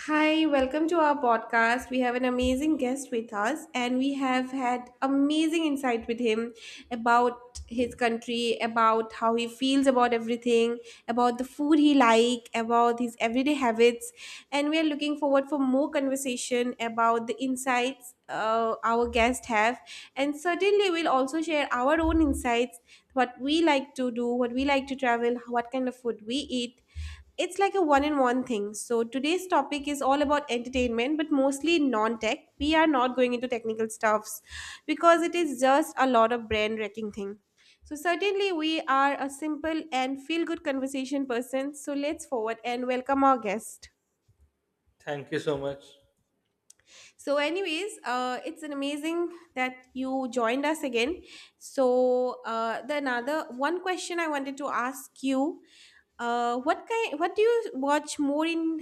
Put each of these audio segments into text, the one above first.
Hi, welcome to our podcast. We have an amazing guest with us, and we have had amazing insight with him about his country, about how he feels about everything, about the food he like, about his everyday habits, and we are looking forward for more conversation about the insights our guest have, and certainly we'll also share our own insights, what we like to do, what we like to travel, what kind of food we eat. It's like a one in one thing. So, today's topic is all about entertainment, but mostly non tech. We are not going into technical stuffs because it is just a lot of brain wrecking thing. So, certainly, we are a simple and feel good conversation person. So, let's forward and welcome our guest. Thank you so much. So, anyways, it's an amazing that you joined us again. So, the another one question I wanted to ask you, what do you watch more in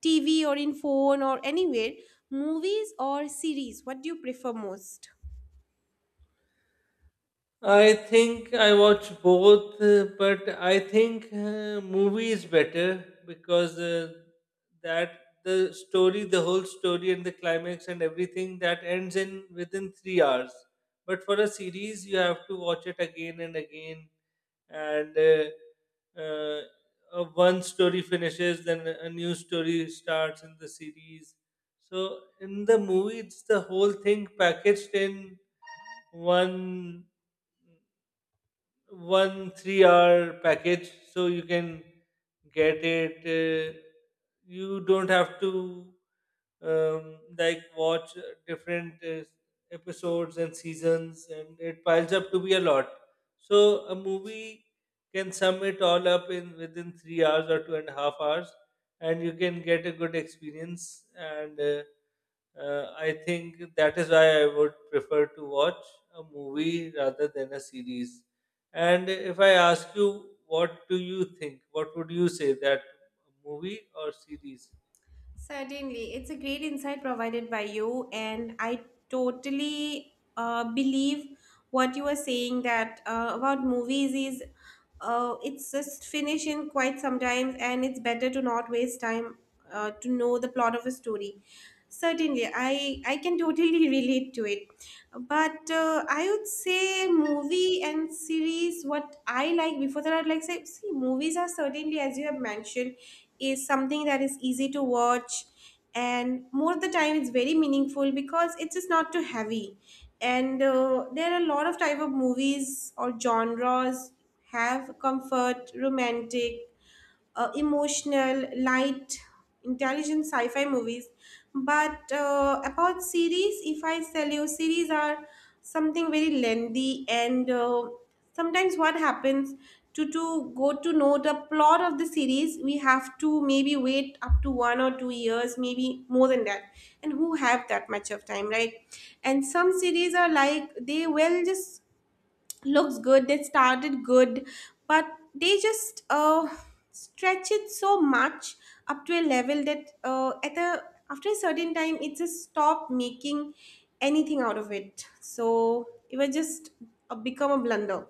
TV or in phone or anywhere, movies or series, what do you prefer most? I think I watch both, but I think movie is better because that the story, the whole story, and the climax and everything that ends in within 3 hours. But for a series, you have to watch it again and again, and uh, one story finishes, then a new story starts in the series. So in the movie, it's the whole thing packaged in one one three-hour package so you can get it you don't have to like watch different episodes and seasons, and it piles up to be a lot. So a movie can sum it all up in within 3 hours or 2.5 hours, and you can get a good experience. And I think that is why I would prefer to watch a movie rather than a series. And if I ask you, what do you think? What would you say, that movie or series? Certainly, it's a great insight provided by you, and I totally believe what you are saying that about movies is it's just finish in quite sometimes, and it's better to not waste time to know the plot of a story. Certainly, I can totally relate to it. But I would say movie and series, what I like before that I'd like say, see, movies are certainly, as you have mentioned, is something that is easy to watch, and more of the time it's very meaningful because it's just not too heavy. And there are a lot of type of movies or genres, have comfort romantic, emotional, light, intelligent sci-fi movies. But about series, if I tell you, series are something very lengthy, and sometimes what happens to go to know the plot of the series, we have to maybe wait up to 1 or 2 years, maybe more than that. And who have that much of time, right? And some series are like, they will just looks good, they started good, but they just stretch it so much up to a level that at a after a certain time it just stop making anything out of it. So it was just become a blunder.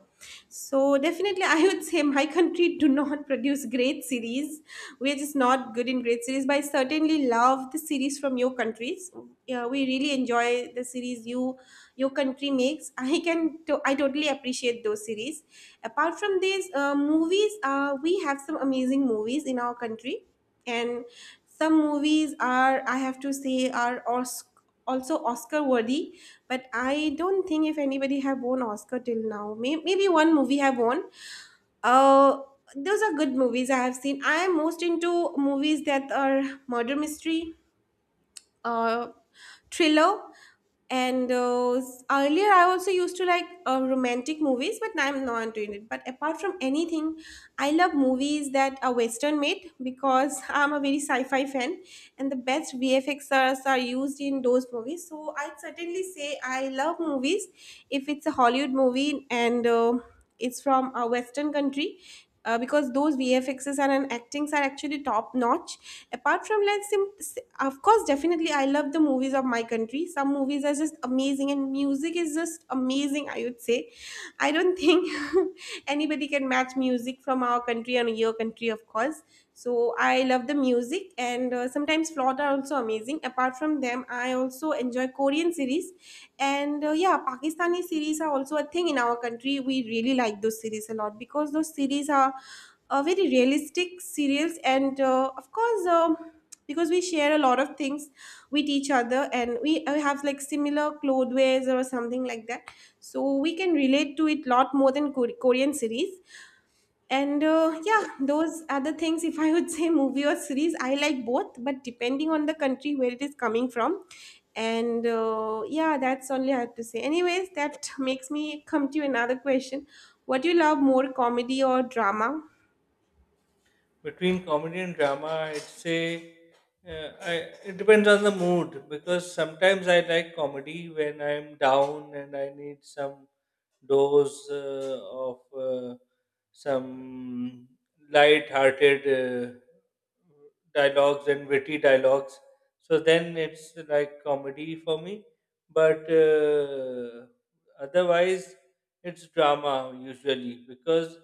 So definitely, I would say my country do not produce great series. We are just not good in great series, but I certainly love the series from your countries. Yeah, we really enjoy the series you, your country makes. I totally appreciate those series. Apart from these movies, we have some amazing movies in our country, and some movies are, I have to say, are also Oscar worthy, but I don't think if anybody have won Oscar till now. Maybe one movie have won. uh, those are good movies I have seen. I am most into movies that are murder mystery, uh, thriller, and earlier I also used to like romantic movies, but now I'm not doing it. But apart from anything, I love movies that are western made because I'm a very sci-fi fan, and the best vfxrs are used in those movies. So I'd certainly say I love movies if it's a Hollywood movie and it's from a western country, because those VFXs are and an actings are actually top notch. Apart from like, of course, definitely I love the movies of my country. Some movies are just amazing, and music is just amazing. I would say, I don't think anybody can match music from our country and your country, of course. So I love the music, and sometimes flute are also amazing. Apart from them, I also enjoy Korean series, and yeah, Pakistani series are also a thing in our country. We really like those series a lot because those series are very realistic serials, and of course. Because we share a lot of things with each other, and we have like similar clothes or something like that, so we can relate to it lot more than Korean series. And yeah, those are the things. If I would say movie or series, I like both, but depending on the country where it is coming from. And yeah, that's only I have to say. Anyways, that makes me come to another question. What do you love more, comedy or drama? Between comedy and drama, I'd say, uh, I, it depends on the mood, because sometimes I like comedy when I'm down and I need some dose of uh, some light-hearted dialogues and witty dialogues, so then it's like comedy for me. But otherwise it's drama usually, because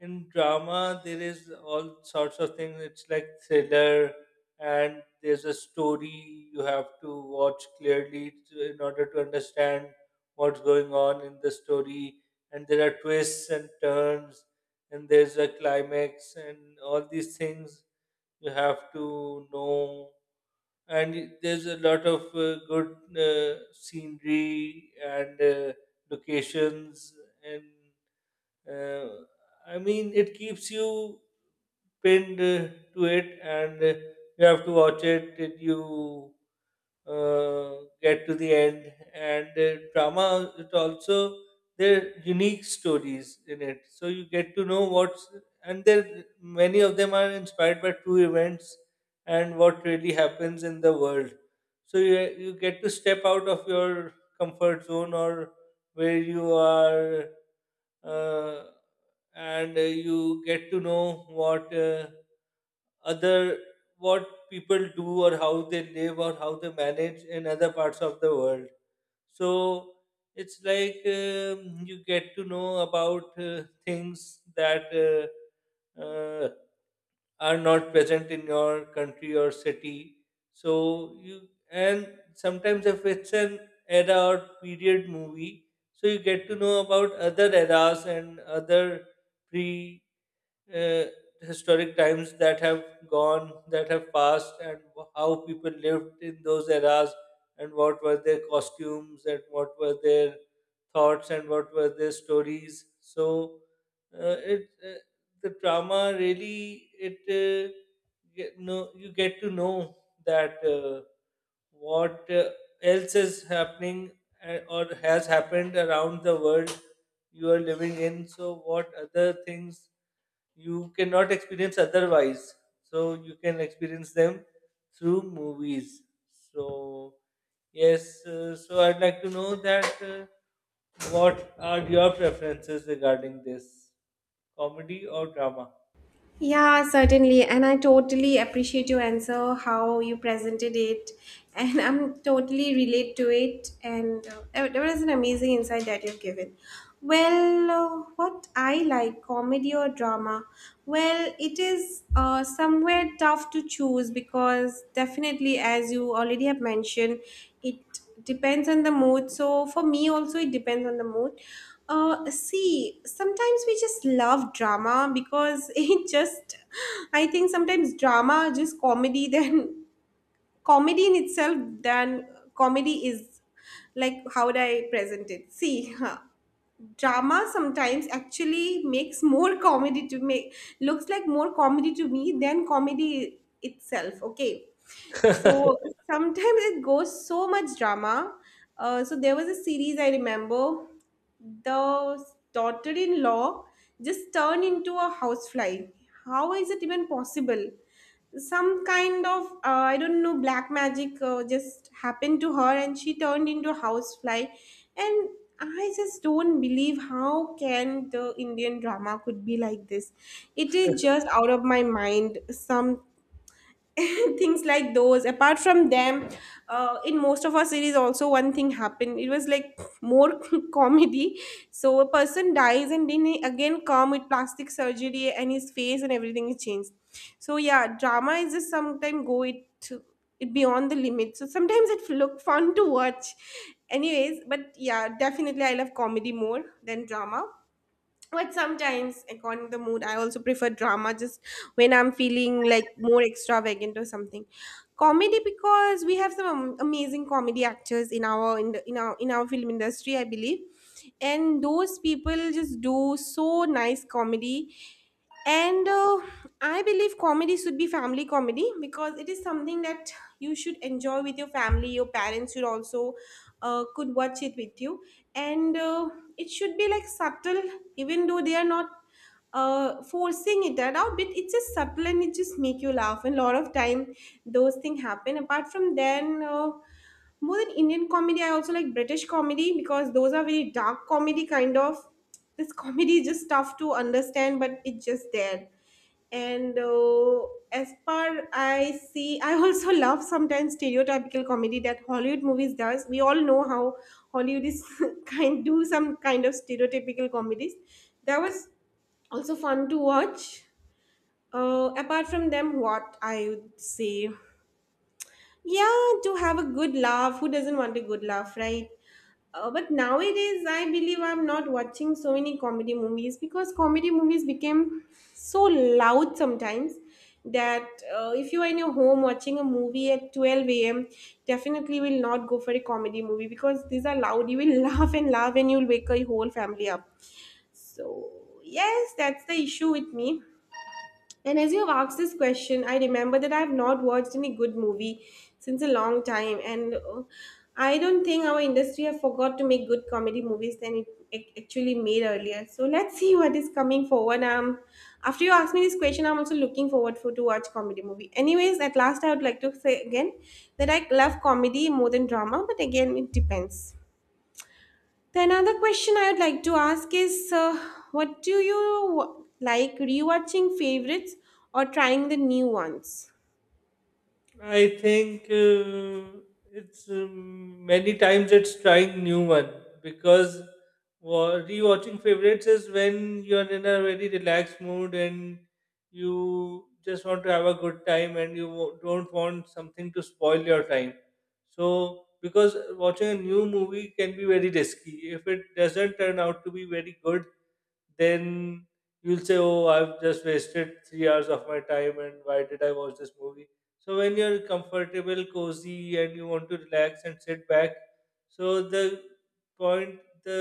in drama there is all sorts of things. It's like thriller, and there's a story you have to watch clearly to, in order to understand what's going on in the story. And there are twists and turns, and there's a climax, and all these things you have to know. And there's a lot of good scenery and locations, and uh, I mean, it keeps you pinned to it, and you have to watch it till you get to the end. And drama, it also there are unique stories in it, so you get to know what's, and there, many of them are inspired by true events and what really happens in the world. So you get to step out of your comfort zone or where you are, uh, and you get to know what other what people do or how they live or how they manage in other parts of the world. So it's like you get to know about things that are not present in your country or city. So you, and sometimes if it's an era or period movie, so you get to know about other eras and other pre uh, historic times that have gone, that have passed, and how people lived in those eras, and what were their costumes, and what were their thoughts, and what were their stories. So, it the drama really it get, no, you get to know that what else is happening or has happened around the world you are living in. So what other things you cannot experience otherwise, so you can experience them through movies. So yes, so I'd like to know that, what are your preferences regarding this, comedy or drama? Yeah, certainly. And I totally appreciate your answer, how you presented it. And I'm totally relate to it. And there was an amazing insight that you've given. Well, what I like, comedy or drama? Well, it is somewhere tough to choose because definitely, as you already have mentioned, it depends on the mood. So for me also, it depends on the mood. See, sometimes we just love drama because it just, I think sometimes drama just comedy then, comedy in itself. Then comedy is like, how would I present it? See, drama sometimes actually makes more comedy to make, looks like more comedy to me than comedy itself. Okay, so sometimes it goes so much drama. So there was a series I remember. The daughter-in-law just turned into a housefly. How is it even possible? Some kind of I don't know black magic just happened to her, and she turned into a housefly. And I just don't believe how can the Indian drama could be like this. It is just out of my mind. Some things like those. Apart from them, in most of our series also one thing happened, it was like more comedy. So a person dies and then he again come with plastic surgery, and his face and everything is changed. So yeah, drama is just sometimes go it beyond the limit, so sometimes it look fun to watch. Anyways, but yeah, definitely I love comedy more than drama. But sometimes according to the mood, I also prefer drama just when I'm feeling like more extravagant or something. Comedy, because we have some amazing comedy actors in our in our film industry, I believe, and those people just do so nice comedy. And I believe comedy should be family comedy because it is something that you should enjoy with your family. Your parents should also could watch it with you, and it should be like subtle, even though they are not forcing it that out. But it's just subtle, and it just make you laugh. And a lot of time those things happen. Apart from then, more than Indian comedy, I also like British comedy because those are very dark comedy kind of. This comedy is just tough to understand, but it's just there. And as per I see, I also love sometimes stereotypical comedy that Hollywood movies does. We all know how Hollywood is kind, do some kind of stereotypical comedies. That was also fun to watch. Apart from them, what I would say, yeah, to have a good laugh, who doesn't want a good laugh, right? But nowadays, I believe I'm not watching so many comedy movies because comedy movies became so loud sometimes that if you are in your home watching a movie at 12 a.m., definitely will not go for a comedy movie because these are loud. You will laugh and laugh, and you'll wake your whole family up. So, yes, that's the issue with me. And as you have asked this question, I remember that I have not watched any good movie since a long time, and I don't think our industry have forgot to make good comedy movies than it actually made earlier. So let's see what is coming forward. After you ask me this question, I'm also looking forward for to watch comedy movie. Anyways, at last I would like to say again that I love comedy more than drama, but again it depends. Then another question I would like to ask is, what do you wa- like rewatching favorites or trying the new ones? I think it's many times it's trying new one, because rewatching favorites is when you're in a very relaxed mood and you just want to have a good time and you don't want something to spoil your time. So because watching a new movie can be very risky, if it doesn't turn out to be very good, then you'll say, "Oh, I've just wasted 3 hours of my time, and why did I watch this movie?" So when you're comfortable, cozy, and you want to relax and sit back, so the point,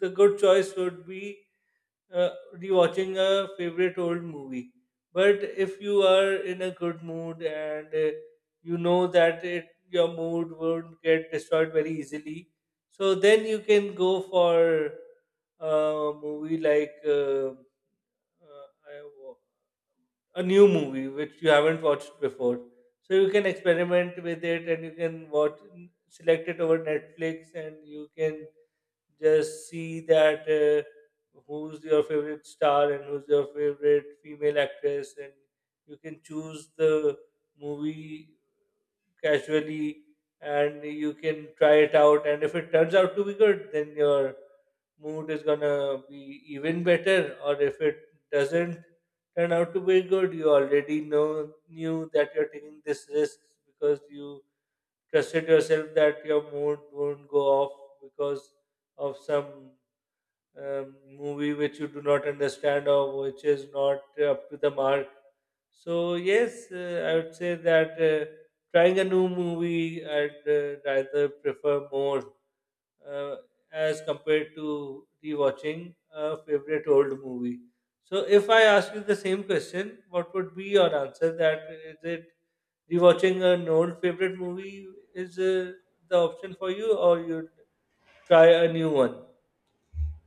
the good choice would be rewatching a favorite old movie. But if you are in a good mood and you know that it, your mood won't get destroyed very easily, so then you can go for a movie like uh, I wa- a new movie which you haven't watched before. So you can experiment with it, and you can watch, select it over Netflix, and you can just see that who's your favorite star and who's your favorite female actress, and you can choose the movie casually and you can try it out. And if it turns out to be good then your mood is gonna be even better, or if it doesn't turn out to be good, you already know knew that you're taking this risk, because you trusted yourself that your mood won't go off because of some movie which you do not understand or which is not up to the mark. So yes, I would say that trying a new movie I'd rather prefer more uh, as compared to rewatching a favorite old movie. So if I ask you the same question, what would be your answer? That is it, rewatching an old favorite movie is the option for you, or you try a new one?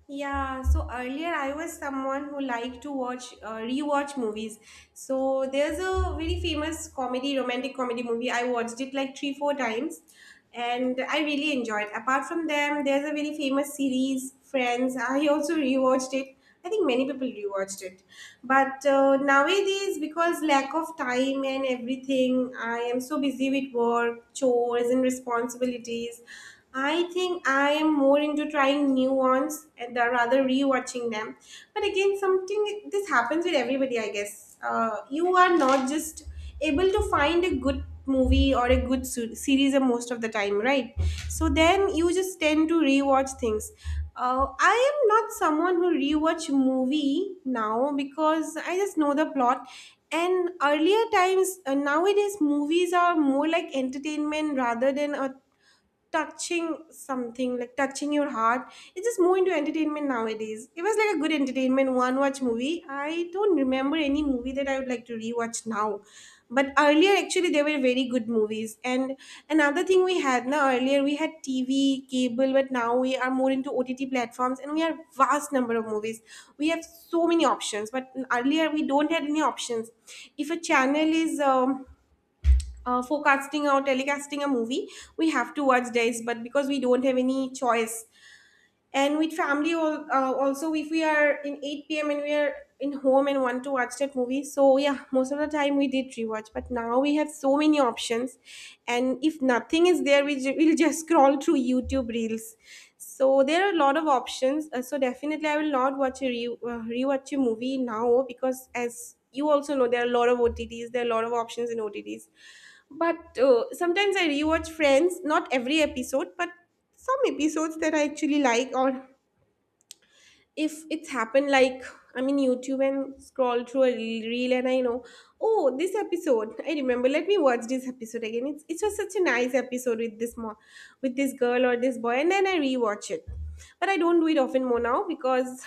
Yeah, so earlier I was someone who liked to watch rewatch movies. So there's a very famous comedy, romantic comedy movie. I watched it like 3 4 times, and I really enjoyed. Apart from them, there's a very famous series, Friends. I also rewatched it. I think many people rewatched it. But nowadays, because lack of time and everything, I am so busy with work, chores, and responsibilities. I think I am more into trying new ones and rather rewatching them. But again, something this happens with everybody, I guess. You are not just able to find a good movie or a good series, most of the time, right? So then you just tend to rewatch things. I am not someone who rewatch movie now because I just know the plot. And earlier times, nowadays movies are more like entertainment rather than a touching, something like touching your heart. It's just more into entertainment nowadays. It was like a good entertainment one watch movie. I don't remember any movie that I would like to rewatch now. But earlier, actually, they were very good movies. And another thing we had now, earlier we had TV cable, but now we are more into OTT platforms, and we have vast number of movies. We have so many options, but earlier we don't had any options. If a channel is forecasting or telecasting a movie, we have to watch days, but because we don't have any choice, and with family, also, if we are in 8 p.m. and we are in home and want to watch that movie, so yeah, most of the time we did rewatch. But now we have so many options, and if nothing is there, we'll just scroll through YouTube reels. So there are a lot of options. So definitely I will not rewatch a movie now, because as you also know, there are a lot of OTTs, there are a lot of options in OTTs. But sometimes I rewatch Friends, not every episode, but some episodes that I actually like, or if it's happened, like I'm in YouTube and scroll through a reel, and I know, oh, this episode I remember. Let me watch this episode again. It was such a nice episode with with this girl or this boy, and then I rewatch it. But I don't do it often more now, because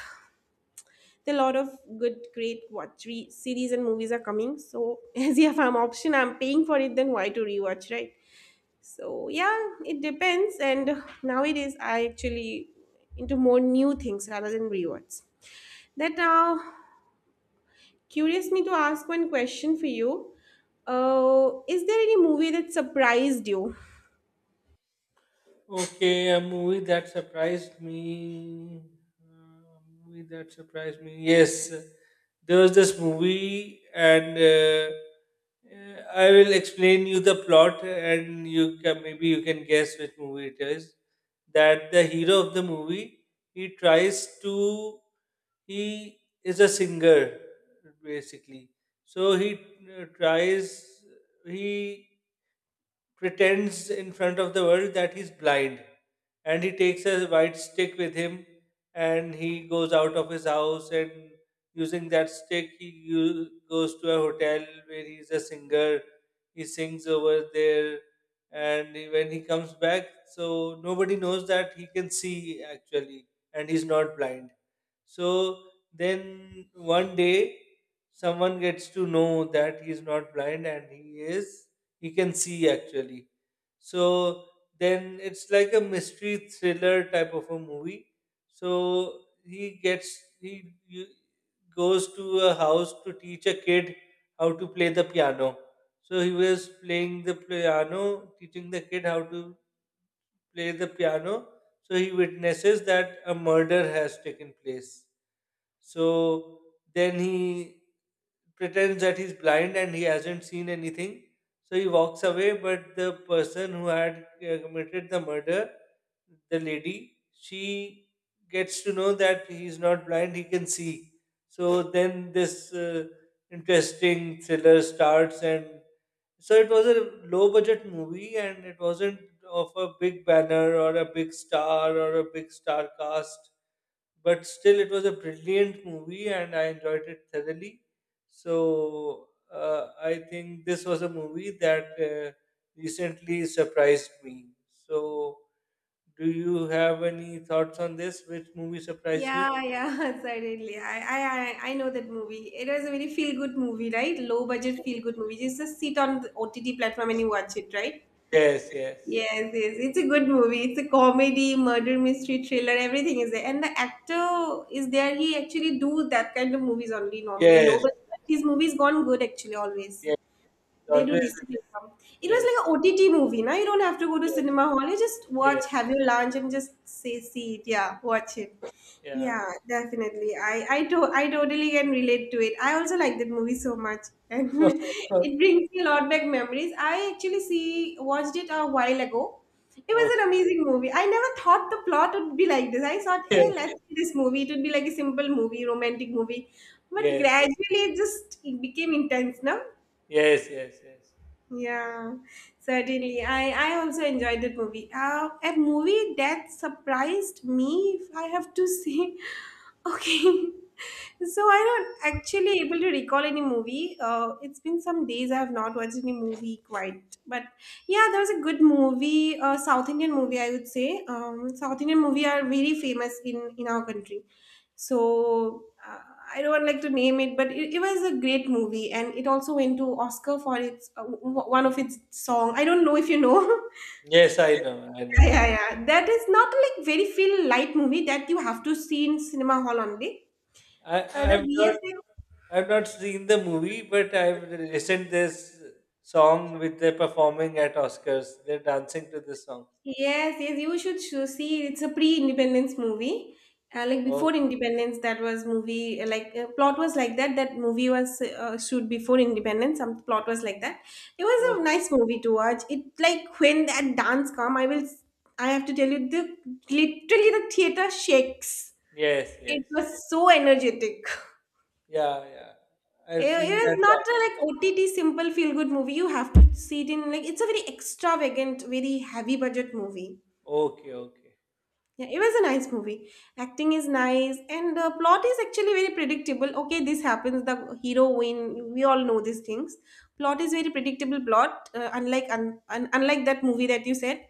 a lot of good, great series and movies are coming. So as if I'm option, I'm paying for it. Then why to rewatch, right? So yeah, it depends. And nowadays, I actually into more new things rather than rewards. That now curious me to ask one question for you. Is there any movie that surprised you? Okay, a movie that surprised me. A movie that surprised me. Yes, there was this movie, and I will explain you the plot, and you can, maybe you can guess which movie it is. That the hero of the movie, he tries to he is a singer basically. So uh, tries he pretends in front of the world that he's blind, and he takes a white stick with him, and he goes out of his house, and using that stick he goes to a hotel where he's a singer. He sings over there, and when he comes back, so nobody knows that he can see actually and he's not blind. So then one day someone gets to know that he's not blind and he is, you can see actually. So then it's like a mystery thriller type of a movie. So he gets, goes to a house to teach a kid how to play the piano. So he was playing the piano, teaching the kid how to play the piano. So he witnesses that a murder has taken place. So then he pretends that he's blind and he hasn't seen anything. So he walks away, but the person who had committed the murder, the lady, she gets to know that he's not blind, he can see. So then this interesting thriller starts, and so it was a low budget movie, and it wasn't of a big banner or a big star or a big star cast. But still, it was a brilliant movie and I enjoyed it thoroughly. So I think this was a movie that recently surprised me. So, do you have any thoughts on this? Which movie surprised you? Yeah, yeah, certainly. I know that movie. It was a very feel good movie, right? Low budget feel good movie. You just sit on the OTT platform and you watch it, right? Yes, yes, Yes, yes, it's a good movie. It's a comedy, murder mystery, thriller, everything is there. And the actor is there. He actually do that kind of movies only normally low, yes, but his movies gone good actually always. yes. They do Always, decent income. It was yes, like a OTT movie. Now you don't have to go to yes, cinema hall. You just watch, yes. have your lunch, and just say, see it. Yeah, watch it. Yeah. Yeah, definitely. I totally can relate to it. I also like that movie so much, and it brings me a lot back memories. I actually see watched it a while ago. It was Okay. an amazing movie. I never thought the plot would be like this. I thought, eh, Yes. let's see this movie. It would be like a simple movie, romantic movie. But Yes. gradually, it became intense, no? Yes. Yes. Yes. Yeah, certainly. I also enjoyed that movie. A movie that surprised me, if I have to say. Okay. So I don't actually able to recall any movie. It's been some days I have not watched any movie quite. But yeah, there was a good movie, South Indian movie, I would say. South Indian movie are very famous in our country, so I don't like to name it, but it was a great movie, and it also went to Oscar for its one of its song. I don't know if you know. Yes, I know. I know. Yeah, yeah, yeah, that is not like very feel light movie that you have to see in cinema hall only. I The I've not, VFX. I've not seen the movie, but I've listened this song with the performing at Oscars. They're dancing to this song. Yes, yes, you should see. It's a pre-independence movie. Like before Okay. independence, that was movie, like, plot was like that. That movie was, shoot before independence. Some plot was like that. It was a Okay. nice movie to watch. It like when that dance come, I will. I have to tell you, the literally the theater shakes. Yes. It Yes. was so energetic. Yeah. Yeah. It, I've it seen that was not a dance. like OTT simple feel good movie. You have to see it in, like, it's a very extravagant, very heavy budget movie. Okay. Okay. Yeah, it was a nice movie. Acting is nice, and the plot is actually very predictable. Okay, this happens. The hero win. We all know these things. Plot is very predictable plot, unlike that movie that you said.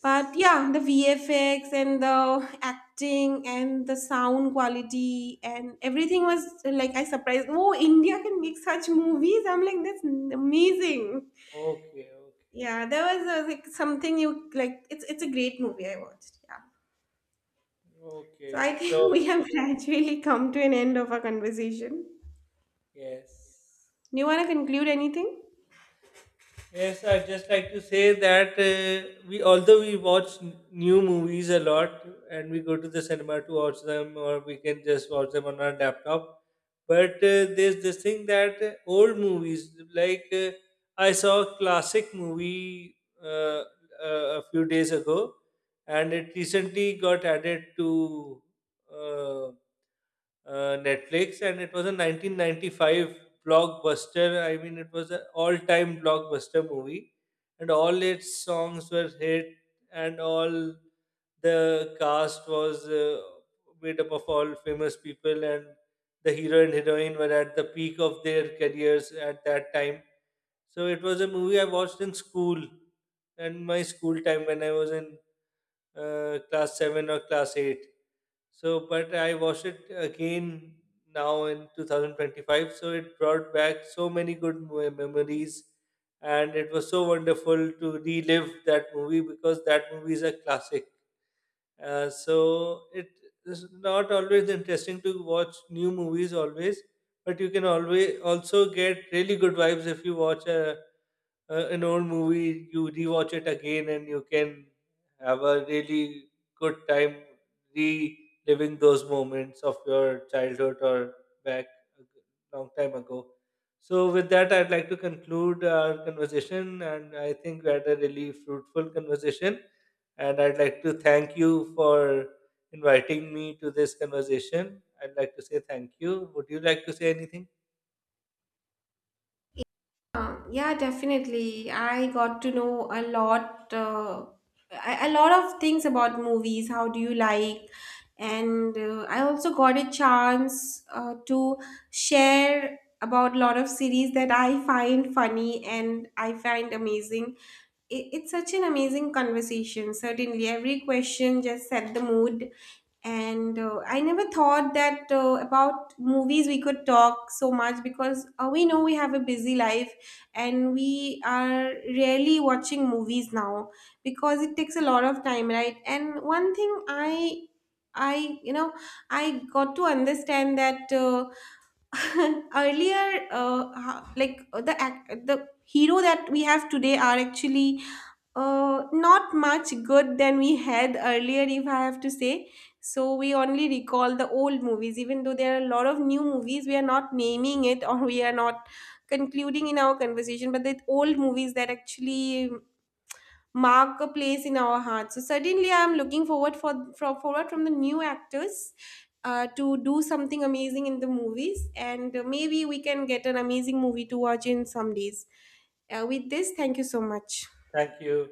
But yeah, the VFX and the acting and the sound quality and everything was, like, I surprised. Oh, India can make such movies! I'm like, that's amazing. Okay. Okay. Yeah, there was, like, something you like. It's a great movie. I watched. Yeah. So Okay. I So think we have gradually come to an end of our conversation. yes. Do you want to conclude anything? Yes, I'd just like to say that we, although we watch new movies a lot and we go to the cinema to watch them, or we can just watch them on our laptop, but there's this thing that old movies, like I saw a classic movie uh, a few days ago, and it recently got added to uh, Netflix, and it was a 1995 blockbuster. I mean, it was an all-time blockbuster movie, and all its songs were hit, and all the cast was made up of all famous people, and the hero and heroine were at the peak of their careers at that time. So it was a movie I watched in school, and my school time when I was in class 7 or class 8. So, but I watched it again now in 2025. So it brought back so many good memories, and it was so wonderful to relive that movie because that movie is a classic. So it is not always interesting to watch new movies always, but you can always also get really good vibes if you watch a an old movie, you rewatch it again, and you can have a really good time reliving those moments of your childhood or back a g- long time ago. So, with that, I'd like to conclude our conversation, and I think we had a really fruitful conversation. And I'd like to thank you for inviting me to this conversation. I'd like to say thank you. Would you like to say anything? Yeah, definitely. I got to know a lot, a lot of things about movies. How do you like? And I also got a chance, to share about a lot of series that I find funny and I find amazing. It's such an amazing conversation. Certainly, every question just set the mood. And I never thought that, about movies we could talk so much, because we know we have a busy life, and we are rarely watching movies now, because it takes a lot of time, right? And one thing I you know I got to understand that, earlier, like, the hero that we have today are actually, not much good than we had earlier, if I have to say. So we only recall the old movies, even though there are a lot of new movies, we are not naming it, or we are not concluding in our conversation, but the old movies that actually mark a place in our hearts. So certainly, I am looking forward for from forward from the new actors. To do something amazing in the movies, and maybe we can get an amazing movie to watch in some days. With this, thank you so much. Thank you.